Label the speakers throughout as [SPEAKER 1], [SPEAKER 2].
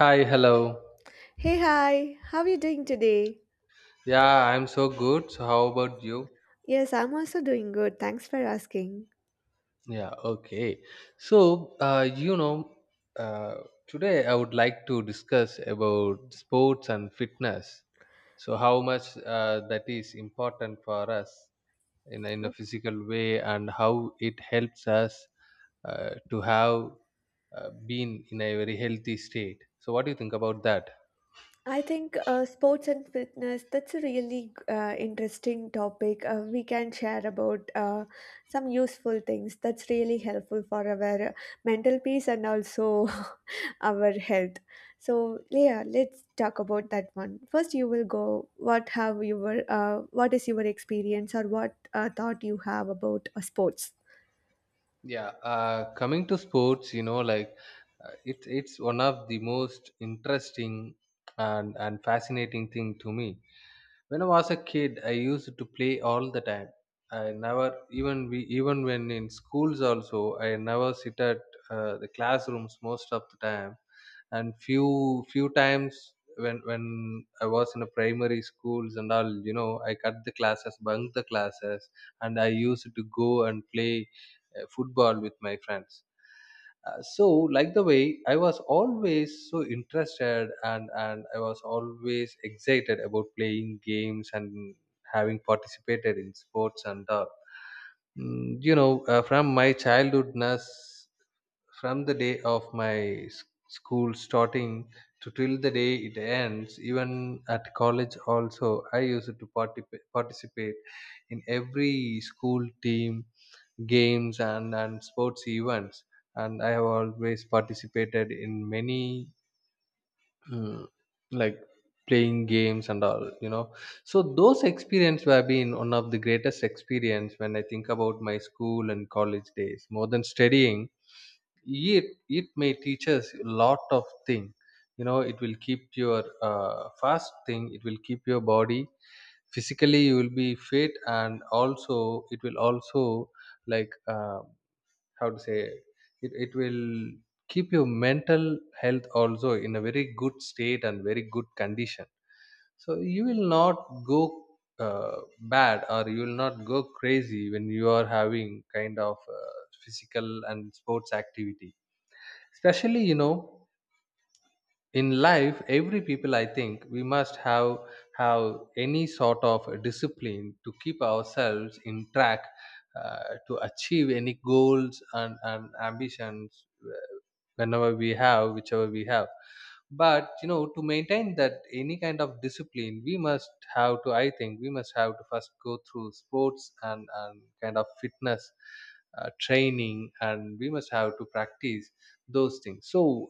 [SPEAKER 1] Hi, hello.
[SPEAKER 2] Hey, hi, how are you doing today?
[SPEAKER 1] Yeah, I'm so good. So, how about you?
[SPEAKER 2] Yes, I'm also doing good. Thanks for asking.
[SPEAKER 1] Yeah, okay. So, uh, you know, uh, Today I would like to discuss about sports and fitness. So, how much that is important for us in a
[SPEAKER 2] Okay.
[SPEAKER 1] physical way and how it helps us to have been in a very healthy state. So, what do you think about that?
[SPEAKER 2] I think sports and fitness, that's a really interesting topic. We can share about some useful things that's really helpful for our mental peace and also our health. So, yeah, let's talk about that one. First, you will go, what is your experience or what thought you have about sports?
[SPEAKER 1] Yeah, coming to sports, you know, like it's one of the most interesting and fascinating thing to me. When I was a kid, I used to play all the time. I never even when in schools also, I never sit at the classrooms most of the time. And few times when I was in a primary schools and all, you know, I cut the classes, bunk the classes, and I used to go and play football with my friends. So like the way I was always so interested and I was always excited about playing games and having participated in sports and all. You know, from my childhoodness, from the day of my s- school starting to till the day it ends, even at college also, I used to participate in every school team games and sports events, and I have always participated in many, mm, like, playing games and all, you know. So those experience have been one of the greatest experience when I think about my school and college days more than studying. It may teach us a lot of thing, you know. It will keep your fast thing, it will keep your body physically, you will be fit, and also it will also, like, how to say, it will keep your mental health also in a very good state and very good condition. So you will not go uh, bad, or you will not go crazy when you are having kind of physical and sports activity, especially, you know. In life every people I think we must have any sort of discipline to keep ourselves in track, to achieve any goals and ambitions, whenever we have, whichever we have. But you know, to maintain that any kind of discipline we must have to, I think we must have to first go through sports and kind of fitness training, and we must have to practice those things. So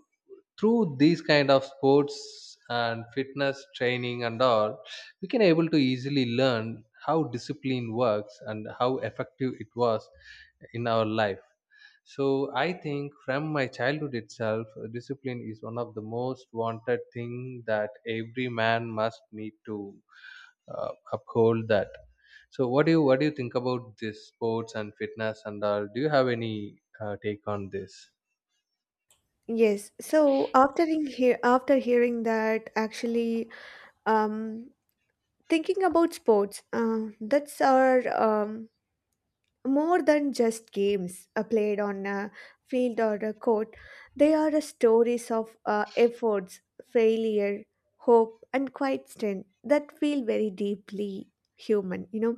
[SPEAKER 1] through these kind of sports and fitness training and all, we can able to easily learn how discipline works and how effective it was in our life. So I think from my childhood itself, discipline is one of the most wanted thing that every man must need to uphold. That. So what do you think about this sports and fitness and all? Do you have any take on this?
[SPEAKER 2] Yes. So after hearing that, actually, um, thinking about sports, that's are more than just games played on a field or a court. They are stories of efforts, failure, hope, and quiet strength that feel very deeply human. You know,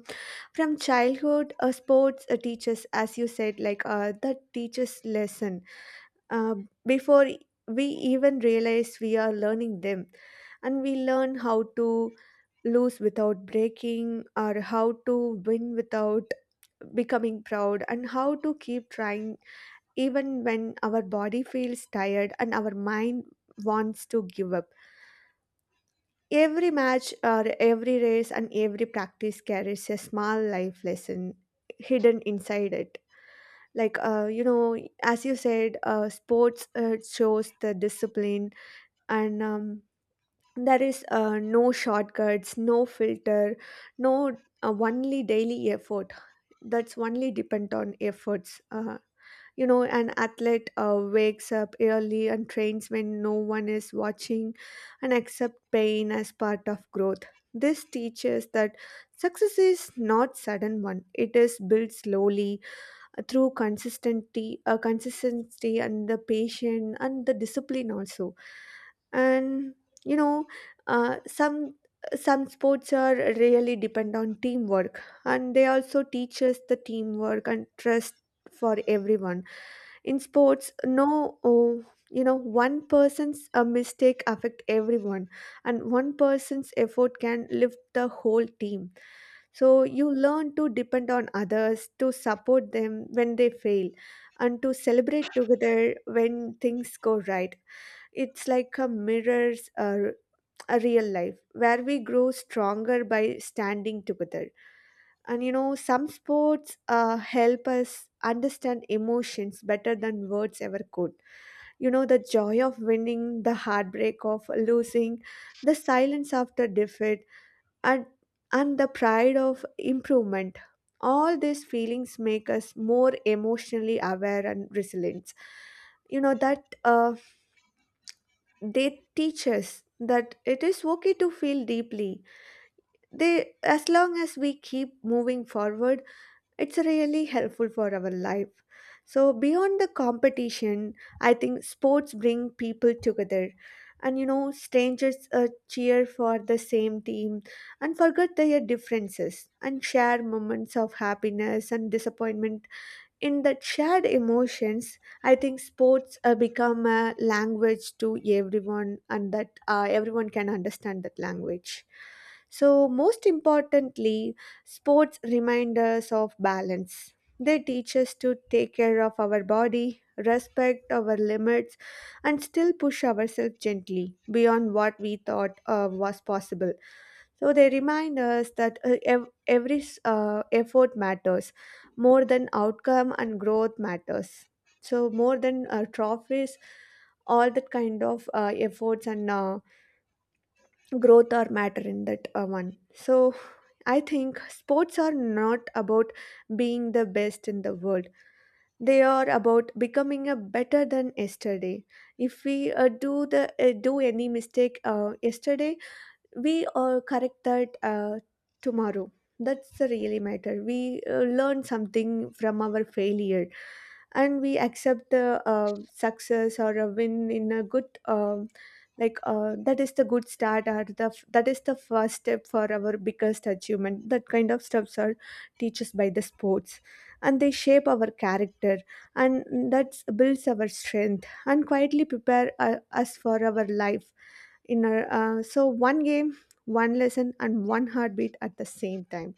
[SPEAKER 2] from childhood, sports teaches, as you said, like that teaches lesson uh, before we even realize we are learning them. And we learn how to lose without breaking, or how to win without becoming proud, and how to keep trying even when our body feels tired and our mind wants to give up. Every match, or every race, and every practice carries a small life lesson hidden inside it, like, you know, as you said, sports shows the discipline and, there is no shortcuts, no filter, no only daily effort. That's only depend on efforts. You know, an athlete wakes up early and trains when no one is watching, and accept pain as part of growth. This teaches that success is not sudden one, it is built slowly through consistency, and the patience and the discipline also. And you know, uh, some some sports are really depend on teamwork, and they also teach us the teamwork and trust for everyone in sports. No oh, You know, one person's mistake affect everyone, and one person's effort can lift the whole team. So you learn to depend on others, to support them when they fail, and to celebrate together when things go right. It's like a mirrors a real life, where we grow stronger by standing together. And you know, some sports help us understand emotions better than words ever could. You know, the joy of winning, the heartbreak of losing, the silence after defeat, and and the pride of improvement. All these feelings make us more emotionally aware and resilient. You know that, they teach us that it is okay to feel deeply, they, as long as we keep moving forward. It's really helpful for our life. So beyond the competition, I think sports bring people together. And you know, strangers cheer for the same team and forget their differences and share moments of happiness and disappointment. In that shared emotions, I think sports become a language to everyone, and that everyone can understand that language. So most importantly, sports remind us of balance. They teach us to take care of our body, respect our limits, and still push ourselves gently beyond what we thought was possible. So they remind us that, effort matters more than outcome, and growth matters. So more than trophies, all that kind of efforts and growth are matter in that one. So I think sports are not about being the best in the world, they are about becoming a better than yesterday. If we do any mistake yesterday, we correct that tomorrow. That's the really matter. We learn something from our failure, and we accept the success or a win in a good, that is the good start, or the that is the first step for our biggest achievement. That kind of steps are teaches by the sports, and they shape our character, and that builds our strength and quietly prepare us for our life inner. So one game, one lesson, and one heartbeat at the same time.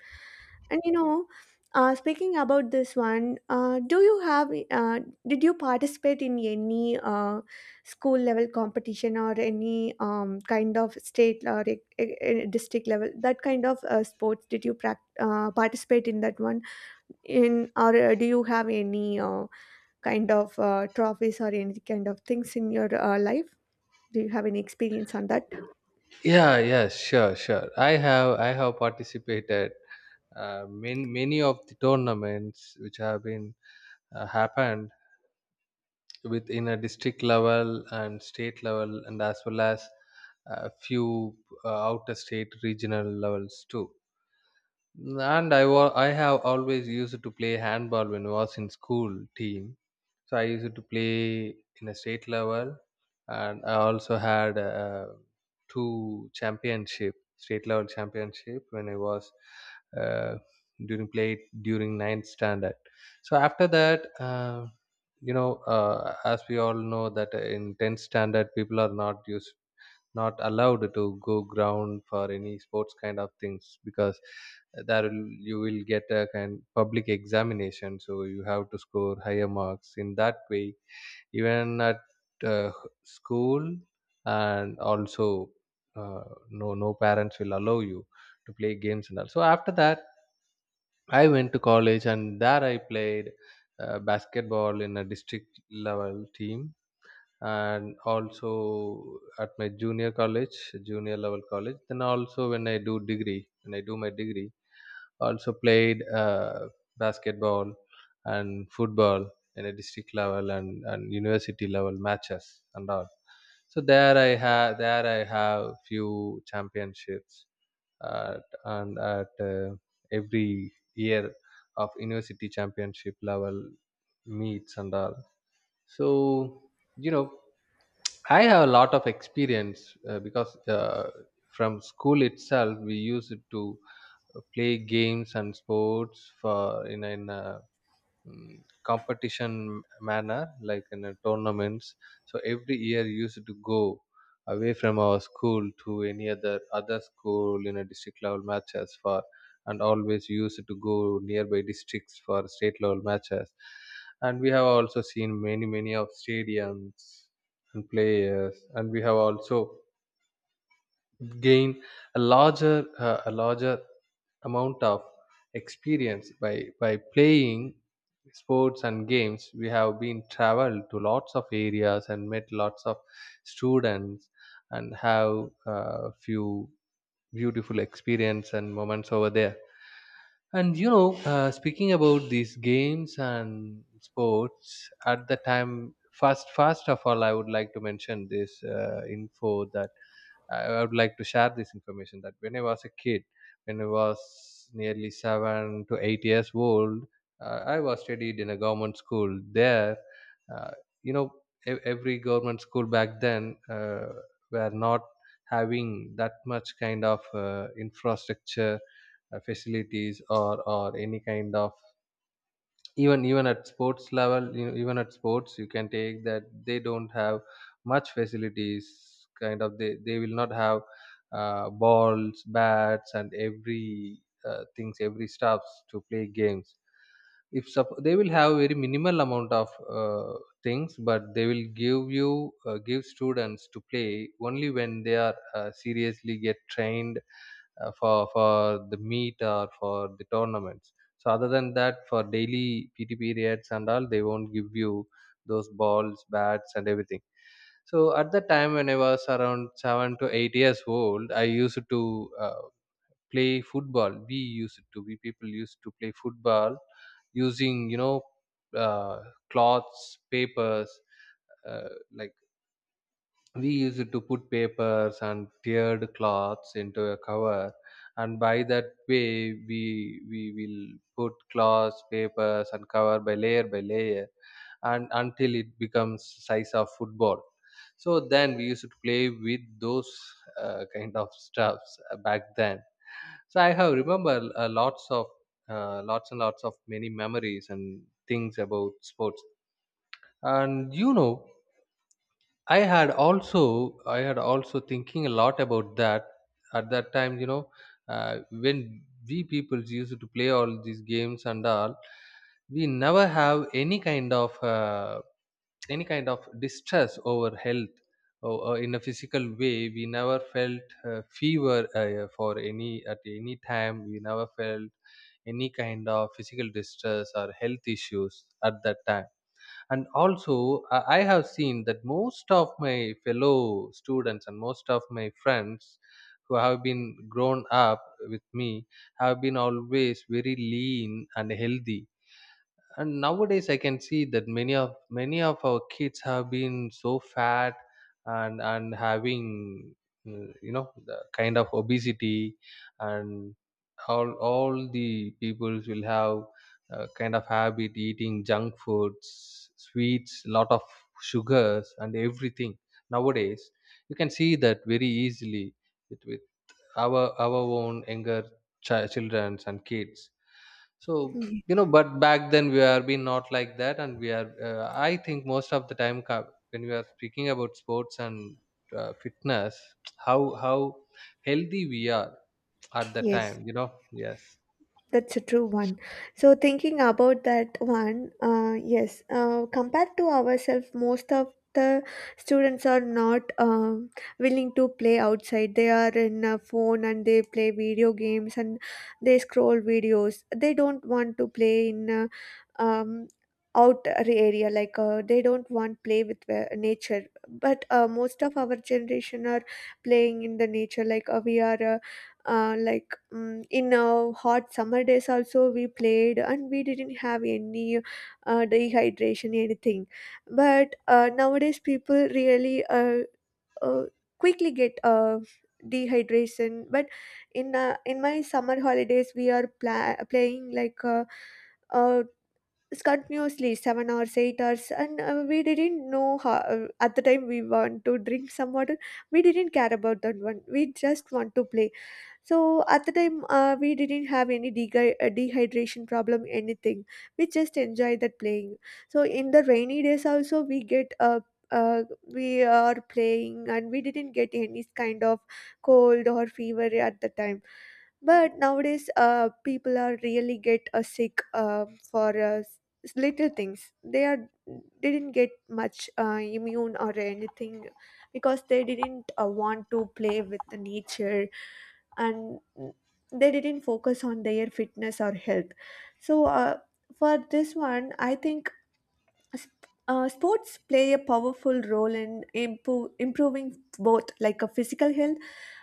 [SPEAKER 2] And you know, speaking about this one, do you have, did you participate in any school level competition, or any kind of state or district level? That kind of sports, did you prac participate in that one in? Or do you have any kind of trophies or any kind of things in your life? Do you have any experience on that?
[SPEAKER 1] Yeah, yes, sure. I have participated many of the tournaments which have been happened within a district level and state level, and as well as a few outer state regional levels too. And I have always used to play handball when I was in school team. So I used to play in a state level, and I also had two championship state level championship when I was uh, during 9th standard. So after that, as we all know that in 10th standard people are not allowed to go ground for any sports kind of things, because you will get a kind public examination, so you have to score higher marks in that way, even at uh, school, and also, uh, no parents will allow you to play games and all. So after that I went to college, and there I played basketball in a district level team, and also at my junior level college. Then also, when I do my degree, also played basketball and football in a district level and university level matches and all. So there I have few championships at every year of university championship level meets and all. So you know, I have a lot of experience, because from school itself we used it to play games and sports for competition manner, like in a tournaments. So every year we used to go away from our school to any other school in a district level matches for, and always used to go nearby districts for state level matches. And we have also seen many of stadiums and players, and we have also gain a larger amount of experience by playing sports and games. We have been traveled to lots of areas and met lots of students, and have a few beautiful experience and moments over there. And you know, speaking about these games and sports, at the time, first of all, I would like to mention this info, that I would like to share this information that when I was a kid, when I was nearly 7 to 8 years old, I was studied in a government school. There, uh, you know, every government school back then were not having that much kind of infrastructure facilities or any kind of, even at sports level, you know, even at sports you can take that they don't have much facilities kind of. They will not have balls, bats, and every things, every stuffs to play games. If sup- They will have very minimal amount of things, but they will give you give students to play only when they are seriously get trained for the meet or for the tournaments. So other than that, for daily PT periods and all, they won't give you those balls, bats, and everything. So at the time when I was around 7 to 8 years old, I used to play football. We people used to play football using, you know, uh, cloths, papers, like, we used to put papers and teared cloths into a cover, and by that way we will put cloths, papers, and cover by layer by layer, and until it becomes size of football. So then we used to play with those kind of stuffs back then. So I have remember lots and lots of many memories and things about sports. And you know, I had also thinking a lot about that at that time. You know, when we people used to play all these games and all, we never have any kind of distress over health or in a physical way. We never felt fever for any at any time. We never felt any kind of physical distress or health issues at that time. And also I have seen that most of my fellow students and most of my friends who have been grown up with me have been always very lean and healthy. And nowadays I can see that many of our kids have been so fat and having, you know, the kind of obesity, and all the peoples will have kind of habit eating junk foods, sweets, lot of sugars and everything nowadays. You can see that very easily with our own younger children and kids. So you know, but back then we are been not like that, and we are, I think most of the time when we are speaking about sports and fitness, how healthy we are at the
[SPEAKER 2] Yes,
[SPEAKER 1] time, you know. Yes.
[SPEAKER 2] that's a true one. So thinking about that one, yes, compared to ourselves, most of the students are not willing to play outside. They are in a phone and they play video games and they scroll videos. They don't want to play in um, out area, like they don't want play with nature. But most of our generation are playing in the nature. Like we are. Like mm in Hot summer days also we played, and we didn't have any dehydration anything. But nowadays people really uh, quickly get dehydration. But in my summer holidays we are playing, like, uh, continuously 7 hours 8 hours, and we didn't know how, at the time we want to drink some water, we didn't care about that one, we just want to play. So at the time, we didn't have any dehydration problem, anything. We just enjoyed that playing. So in the rainy days also, we get uh, we are playing and we didn't get any kind of cold or fever at the time. But nowadays, people are really get sick little things. They didn't get much immune or anything, because they didn't want to play with the nature, and they didn't focus on their fitness or health. So for this one, I think s- sports play a powerful role in improving both like a physical health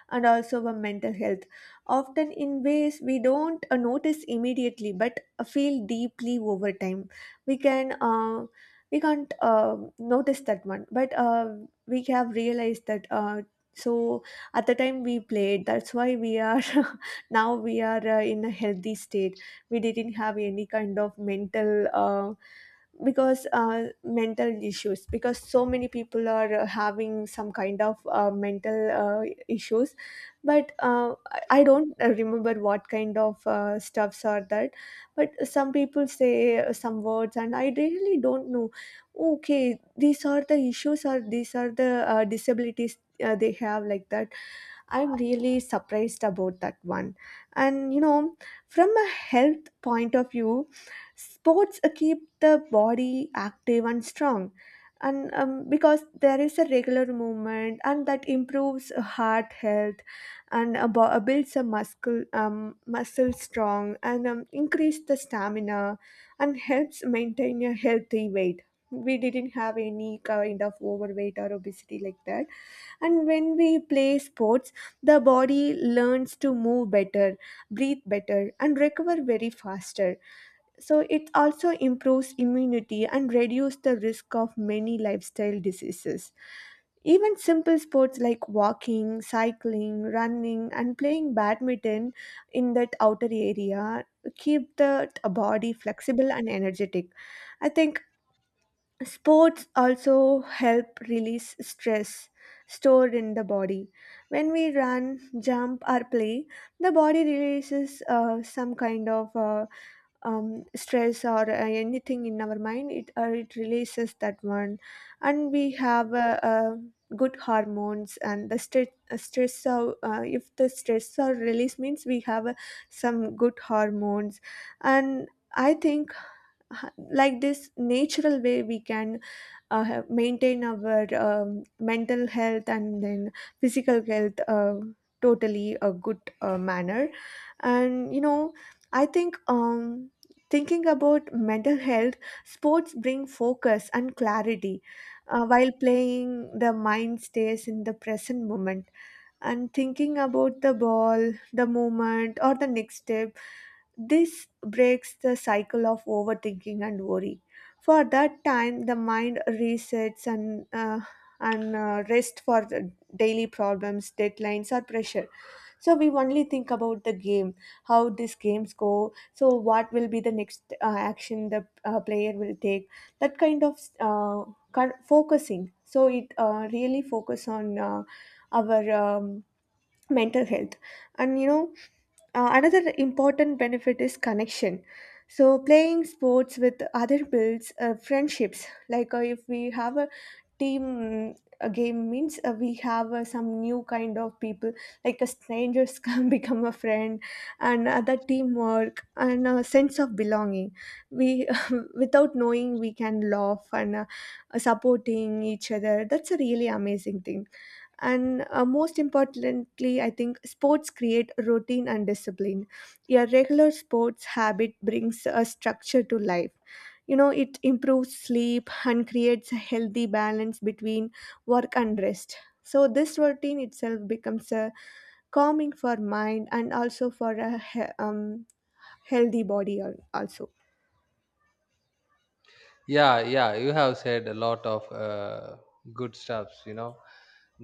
[SPEAKER 2] and also our mental health, often in ways we don't notice immediately, but feel deeply over time. We can we can't notice that one, but we have realized that. So at the time we played, that's why we are now we are in a healthy state. We didn't have any kind of mental. Because mental issues, because so many people are having some kind of mental issues. But I don't remember what kind of stuffs are that, but some people say some words and I really don't know, okay, these are the issues or these are the disabilities they have like that. I'm really surprised about that one. And you know, from a health point of view, sports keep the body active and strong. And because there is a regular movement, and that improves heart health, and builds a muscle, muscle strong, and increase the stamina, and helps maintain a healthy weight. We didn't have any kind of overweight or obesity like that. And when we play sports, the body learns to move better, breathe better, and recover very faster. So it also improves immunity and reduces the risk of many lifestyle diseases. Even simple sports like walking, cycling, running, and playing badminton in that outer area keep the body flexible and energetic. I think sports also help release stress stored in the body. When we run, jump, or play, the body releases some kind of, stress or anything in our mind. It releases that one, and we have good hormones and the stress. Stress, so if the stress or release means we have some good hormones, and I think like this natural way, we can have maintain our mental health and then physical health totally a good manner. And you know, I think, thinking about mental health, sports bring focus and clarity. While playing, the mind stays in the present moment, and thinking about the ball, the moment, or the next step. This breaks the cycle of overthinking and worry. For that time, the mind resets and rest for the daily problems, deadlines, or pressure. So we only think about the game, how these games go. So what will be the next action the player will take? That kind of kind focusing. So it really focus on our mental health and another important benefit is connection. So playing sports with other builds friendships. Like if we have a team game means we have some new kind of people like a strangers can become a friend and other teamwork and a sense of belonging. We without knowing we can laugh and supporting each other, that's a really amazing thing. And most importantly I think sports create routine and discipline. Your regular sports habit brings a structure to life, you know. It improves sleep and creates a healthy balance between work and rest. So this routine itself becomes a calming for mind and also for a healthy body also.
[SPEAKER 1] Yeah, yeah, you have said a lot of good stuffs, you know,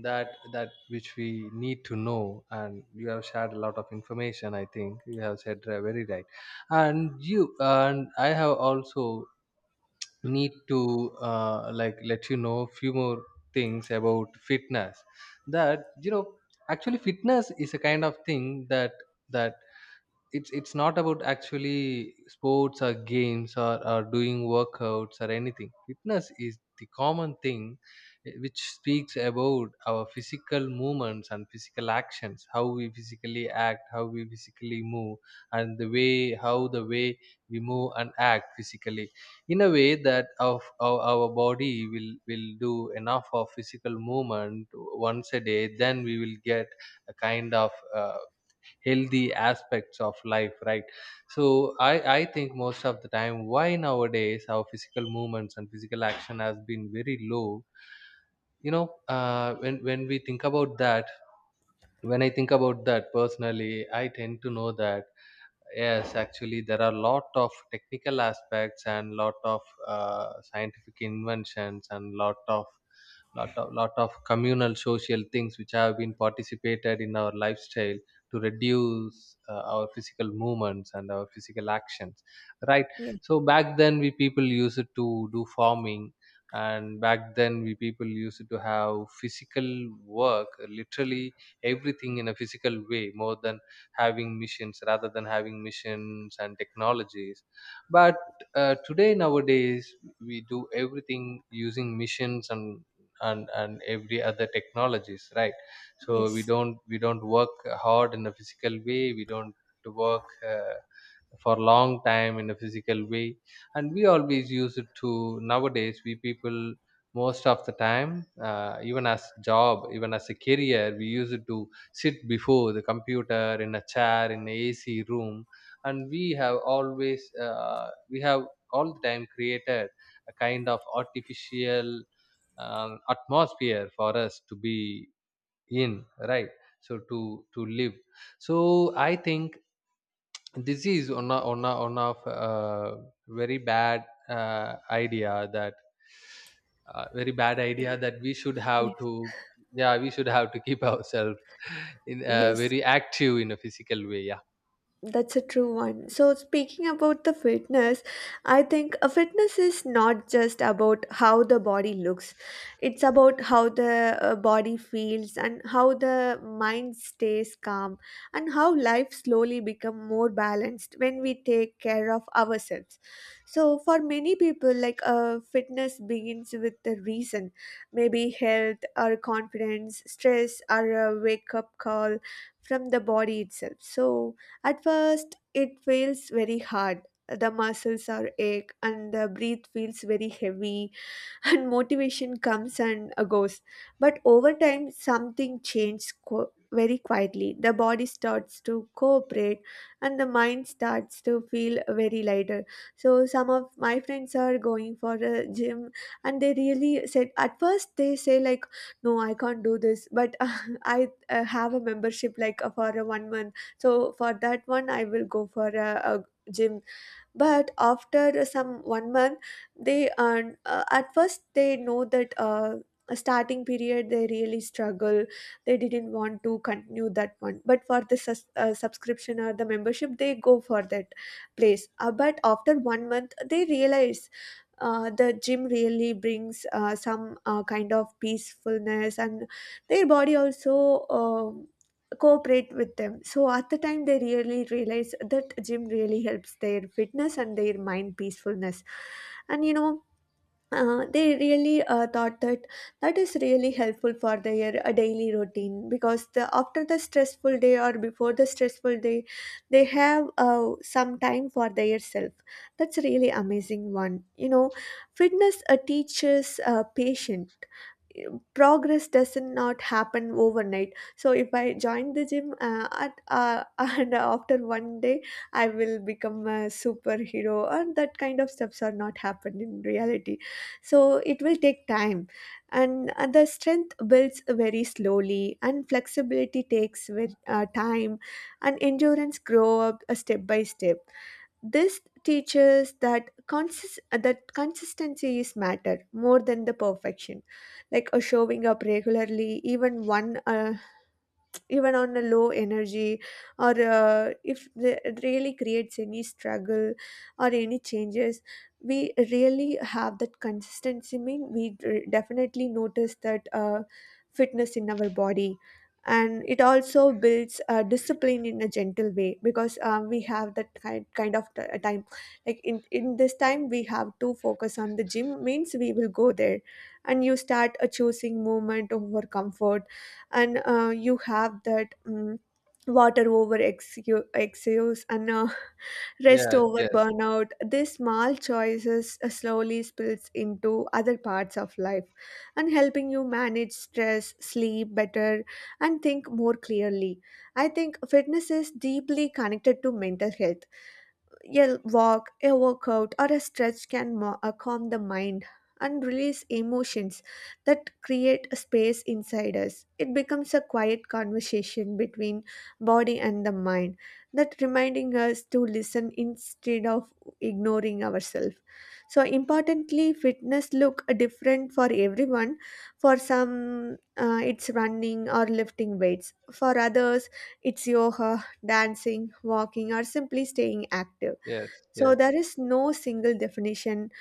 [SPEAKER 1] that which we need to know, and you have shared a lot of information. I think you have said very right, and you, and I have also need to, like, let you know few more things about fitness. That, you know, actually fitness is a kind of thing that it's not about actually sports or games or doing workouts or anything. Fitness is the common thing, eh, which speaks about our physical movements and physical actions, how we physically act, how we physically move. And the way how the way we move and act physically in a way that of our body will do enough of physical movement once a day, then we will get a kind of healthy aspects of life, right? So i I think most of the time, why nowadays our physical movements and physical action has been very low, you know, when we think about that When I think about that personally, I tend to know that yes, actually, there are lot of technical aspects and lot of scientific inventions and lot of communal social things which have been participated in our lifestyle to reduce our physical movements and our physical actions. Right.
[SPEAKER 2] Yeah.
[SPEAKER 1] So back then, we people used to do farming, and back then we people used to have physical work, literally everything in a physical way, more than having missions, rather than having missions and technologies. But today, nowadays, we do everything using missions and every other technologies, right? So we
[SPEAKER 2] Yes,
[SPEAKER 1] don't we don't work hard in a physical way, we don't work uh, for long time in a physical way. And we always use it to, nowadays we people most of the time, even as job, even as a career, we use it to sit before the computer in a chair in a ac room. And we have always we have all the time created a kind of artificial atmosphere for us to be in, right? So to live. So I think this is one of very bad idea that very bad idea that we should have
[SPEAKER 2] yes,
[SPEAKER 1] to, yeah, we should have to keep ourselves in
[SPEAKER 2] yes.
[SPEAKER 1] very active in a physical way, yeah.
[SPEAKER 2] That's a true one. So, speaking about the fitness, I think a fitness is not just about how the body looks, it's about how the body feels and how the mind stays calm and how life slowly become more balanced when we take care of ourselves. So, for many people, like fitness begins with the reason, maybe health or confidence, stress, or a wake up call from the body itself. So, at first, it feels very hard. The muscles are ache and the breath feels very heavy and motivation comes and goes. But over time, something changes very quietly. The body starts to cooperate and the mind starts to feel very lighter. So some of my friends are going for a gym and they really said at first they say like no I can't do this, but I have a membership like for a 1 month, so for that one I will go for a gym. But after some 1 month, they earn at first they know that a starting period they really struggle. They didn't want to continue that one, but for the subscription or the membership they go for that place. But after 1 month they realize the gym really brings some kind of peacefulness, and their body also cooperate with them. So at the time, they really realize that gym really helps their fitness and their mind peacefulness. And you know, they really thought that that is really helpful for their daily routine, because the after the stressful day or before the stressful day, they have some time for their self. That's really amazing one. You know, fitness teaches patience. Progress does not happen overnight, so if I join the gym and after 1 day I will become a superhero, and that kind of steps are not happened in reality. So it will take time, and the strength builds very slowly and flexibility takes with time and endurance grow up step by step. This teaches that that consistency is matter more than the perfection. Like showing up regularly, even one even on a low energy or if the, it really creates any struggle or any changes, we really have that consistency mean we definitely notice that fitness in our body. And it also builds discipline in a gentle way, because we have that kind of time, like in this time we have to focus on the gym means we will go there. And you start choosing movement over comfort, and you have that water over excuse, and rest
[SPEAKER 1] Yes,
[SPEAKER 2] over
[SPEAKER 1] yes,
[SPEAKER 2] burnout. These small choices slowly spills into other parts of life and helping you manage stress, sleep better, and think more clearly. I think fitness is deeply connected to mental health. A walk, a workout, or a stretch can calm the mind and release emotions that create a space inside us. It becomes a quiet conversation between body and the mind, that reminding us to listen instead of ignoring ourselves. So importantly, fitness look different for everyone. For some, it's running or lifting weights. For others, it's yoga, dancing, walking, or simply staying active.
[SPEAKER 1] yes,
[SPEAKER 2] So there
[SPEAKER 1] yes,
[SPEAKER 2] is no single definition,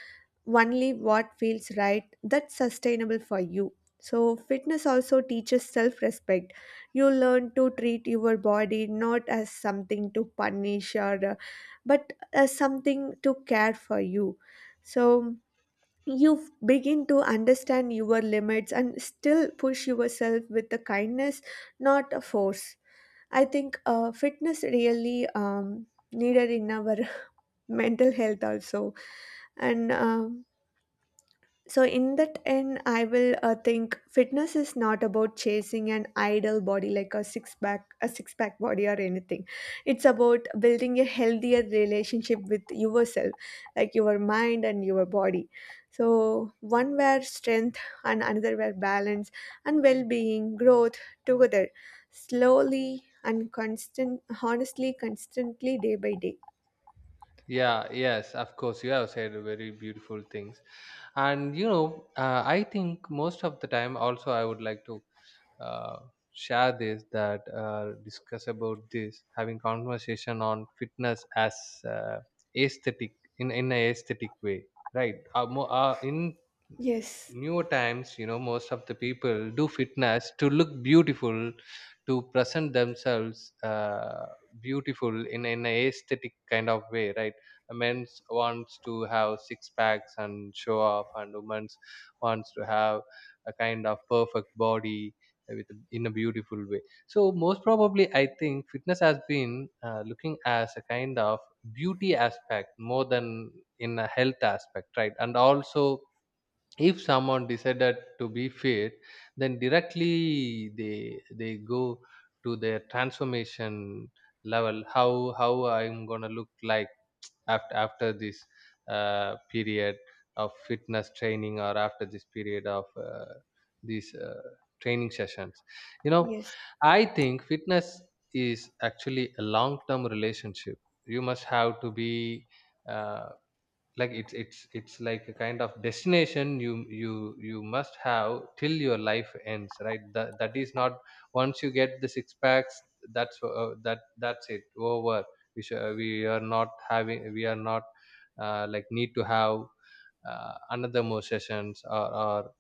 [SPEAKER 2] only what feels right that's sustainable for you. So fitness also teaches self-respect. You learn to treat your body not as something to punish or but as something to care for you. So you begin to understand your limits and still push yourself with the kindness, not a force. I think fitness really needed in our mental health also. And so in that end I will think fitness is not about chasing an ideal body, like a six pack, a six pack body or anything. It's about building a healthier relationship with yourself, like your mind and your body. So one where strength and another where balance and well-being growth together, slowly and constant, honestly constantly, day by day.
[SPEAKER 1] yeah, yes, of course. You have said very beautiful things. And you know, I think most of the time also I would like to uh, share this, that discuss about this, having conversation on fitness as uh, aesthetic, in a aesthetic way, right? In
[SPEAKER 2] Yes,
[SPEAKER 1] newer times, you know, most of the people do fitness to look beautiful, to present themselves beautiful in a aesthetic kind of way, right? A men's wants to have six packs and show off, and women's wants to have a kind of perfect body, with, in a beautiful way. So most probably I think fitness has been looking as a kind of beauty aspect more than in a health aspect, right? And also, if someone decided to be fit, then directly they go to their transformation level, how I'm gonna look like after after this period of fitness training, or after this period of these training sessions, you know.
[SPEAKER 2] yes,
[SPEAKER 1] I think fitness is actually a long term relationship. You must have to be uh, like, it's like a kind of destination you you must have till your life ends, right? That, that is not, once you get the six packs, that's that's it, over. We should, we are not having we are not like need to have another more sessions, or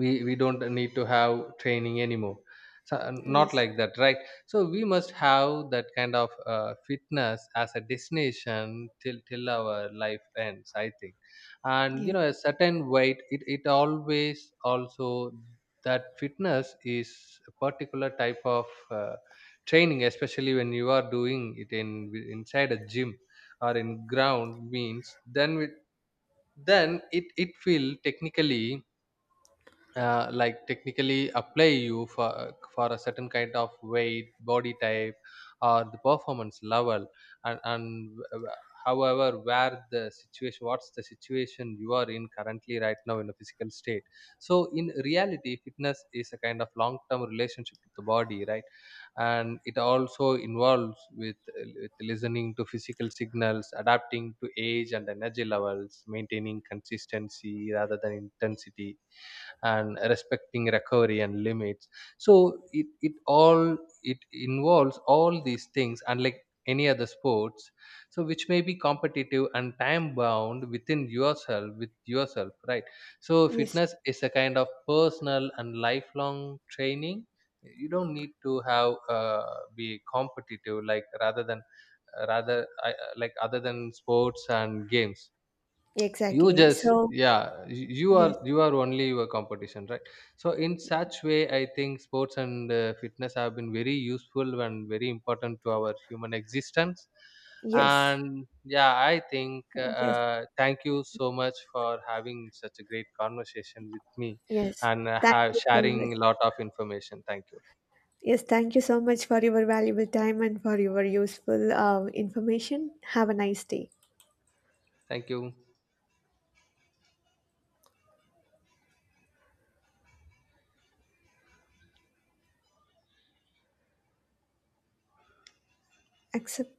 [SPEAKER 1] we don't need to have training anymore. So not
[SPEAKER 2] yes.
[SPEAKER 1] like that, right? So we must have that kind of fitness as a destination till till our life ends, I think. And you
[SPEAKER 2] Yes,
[SPEAKER 1] know, a certain weight, it always also, that fitness is a particular type of training, especially when you are doing it in inside a gym or in ground means, then with, then it will technically like technically apply you for a certain kind of weight body type or the performance level. And however where the situation, what's the situation you are in currently right now in a physical state. So in reality, fitness is a kind of long term relationship with the body, right? And it also involves with listening to physical signals, adapting to age and energy levels, maintaining consistency rather than intensity, and respecting recovery and limits. So it all, it involves all these things, unlike any other sports, so which may be competitive and time bound, within yourself, with yourself, right? So
[SPEAKER 2] yes,
[SPEAKER 1] fitness is a kind of personal and lifelong training. You don't need to have be competitive, like, rather than rather I, like, other than sports and games. You
[SPEAKER 2] exactly.
[SPEAKER 1] just,
[SPEAKER 2] So,
[SPEAKER 1] yeah, you are,
[SPEAKER 2] yes,
[SPEAKER 1] you are only your competition, right? So in such way I think sports and fitness have been very useful and very important to our human existence.
[SPEAKER 2] yes,
[SPEAKER 1] And yeah, I think
[SPEAKER 2] yes,
[SPEAKER 1] thank you so much for having such a great conversation with me,
[SPEAKER 2] yes.
[SPEAKER 1] and
[SPEAKER 2] Thank you so much.
[SPEAKER 1] sharing a lot of information. Thank you.
[SPEAKER 2] Yes, thank you so much for your valuable time and for your useful information. Have a nice day.
[SPEAKER 1] Thank you.
[SPEAKER 2] Accept.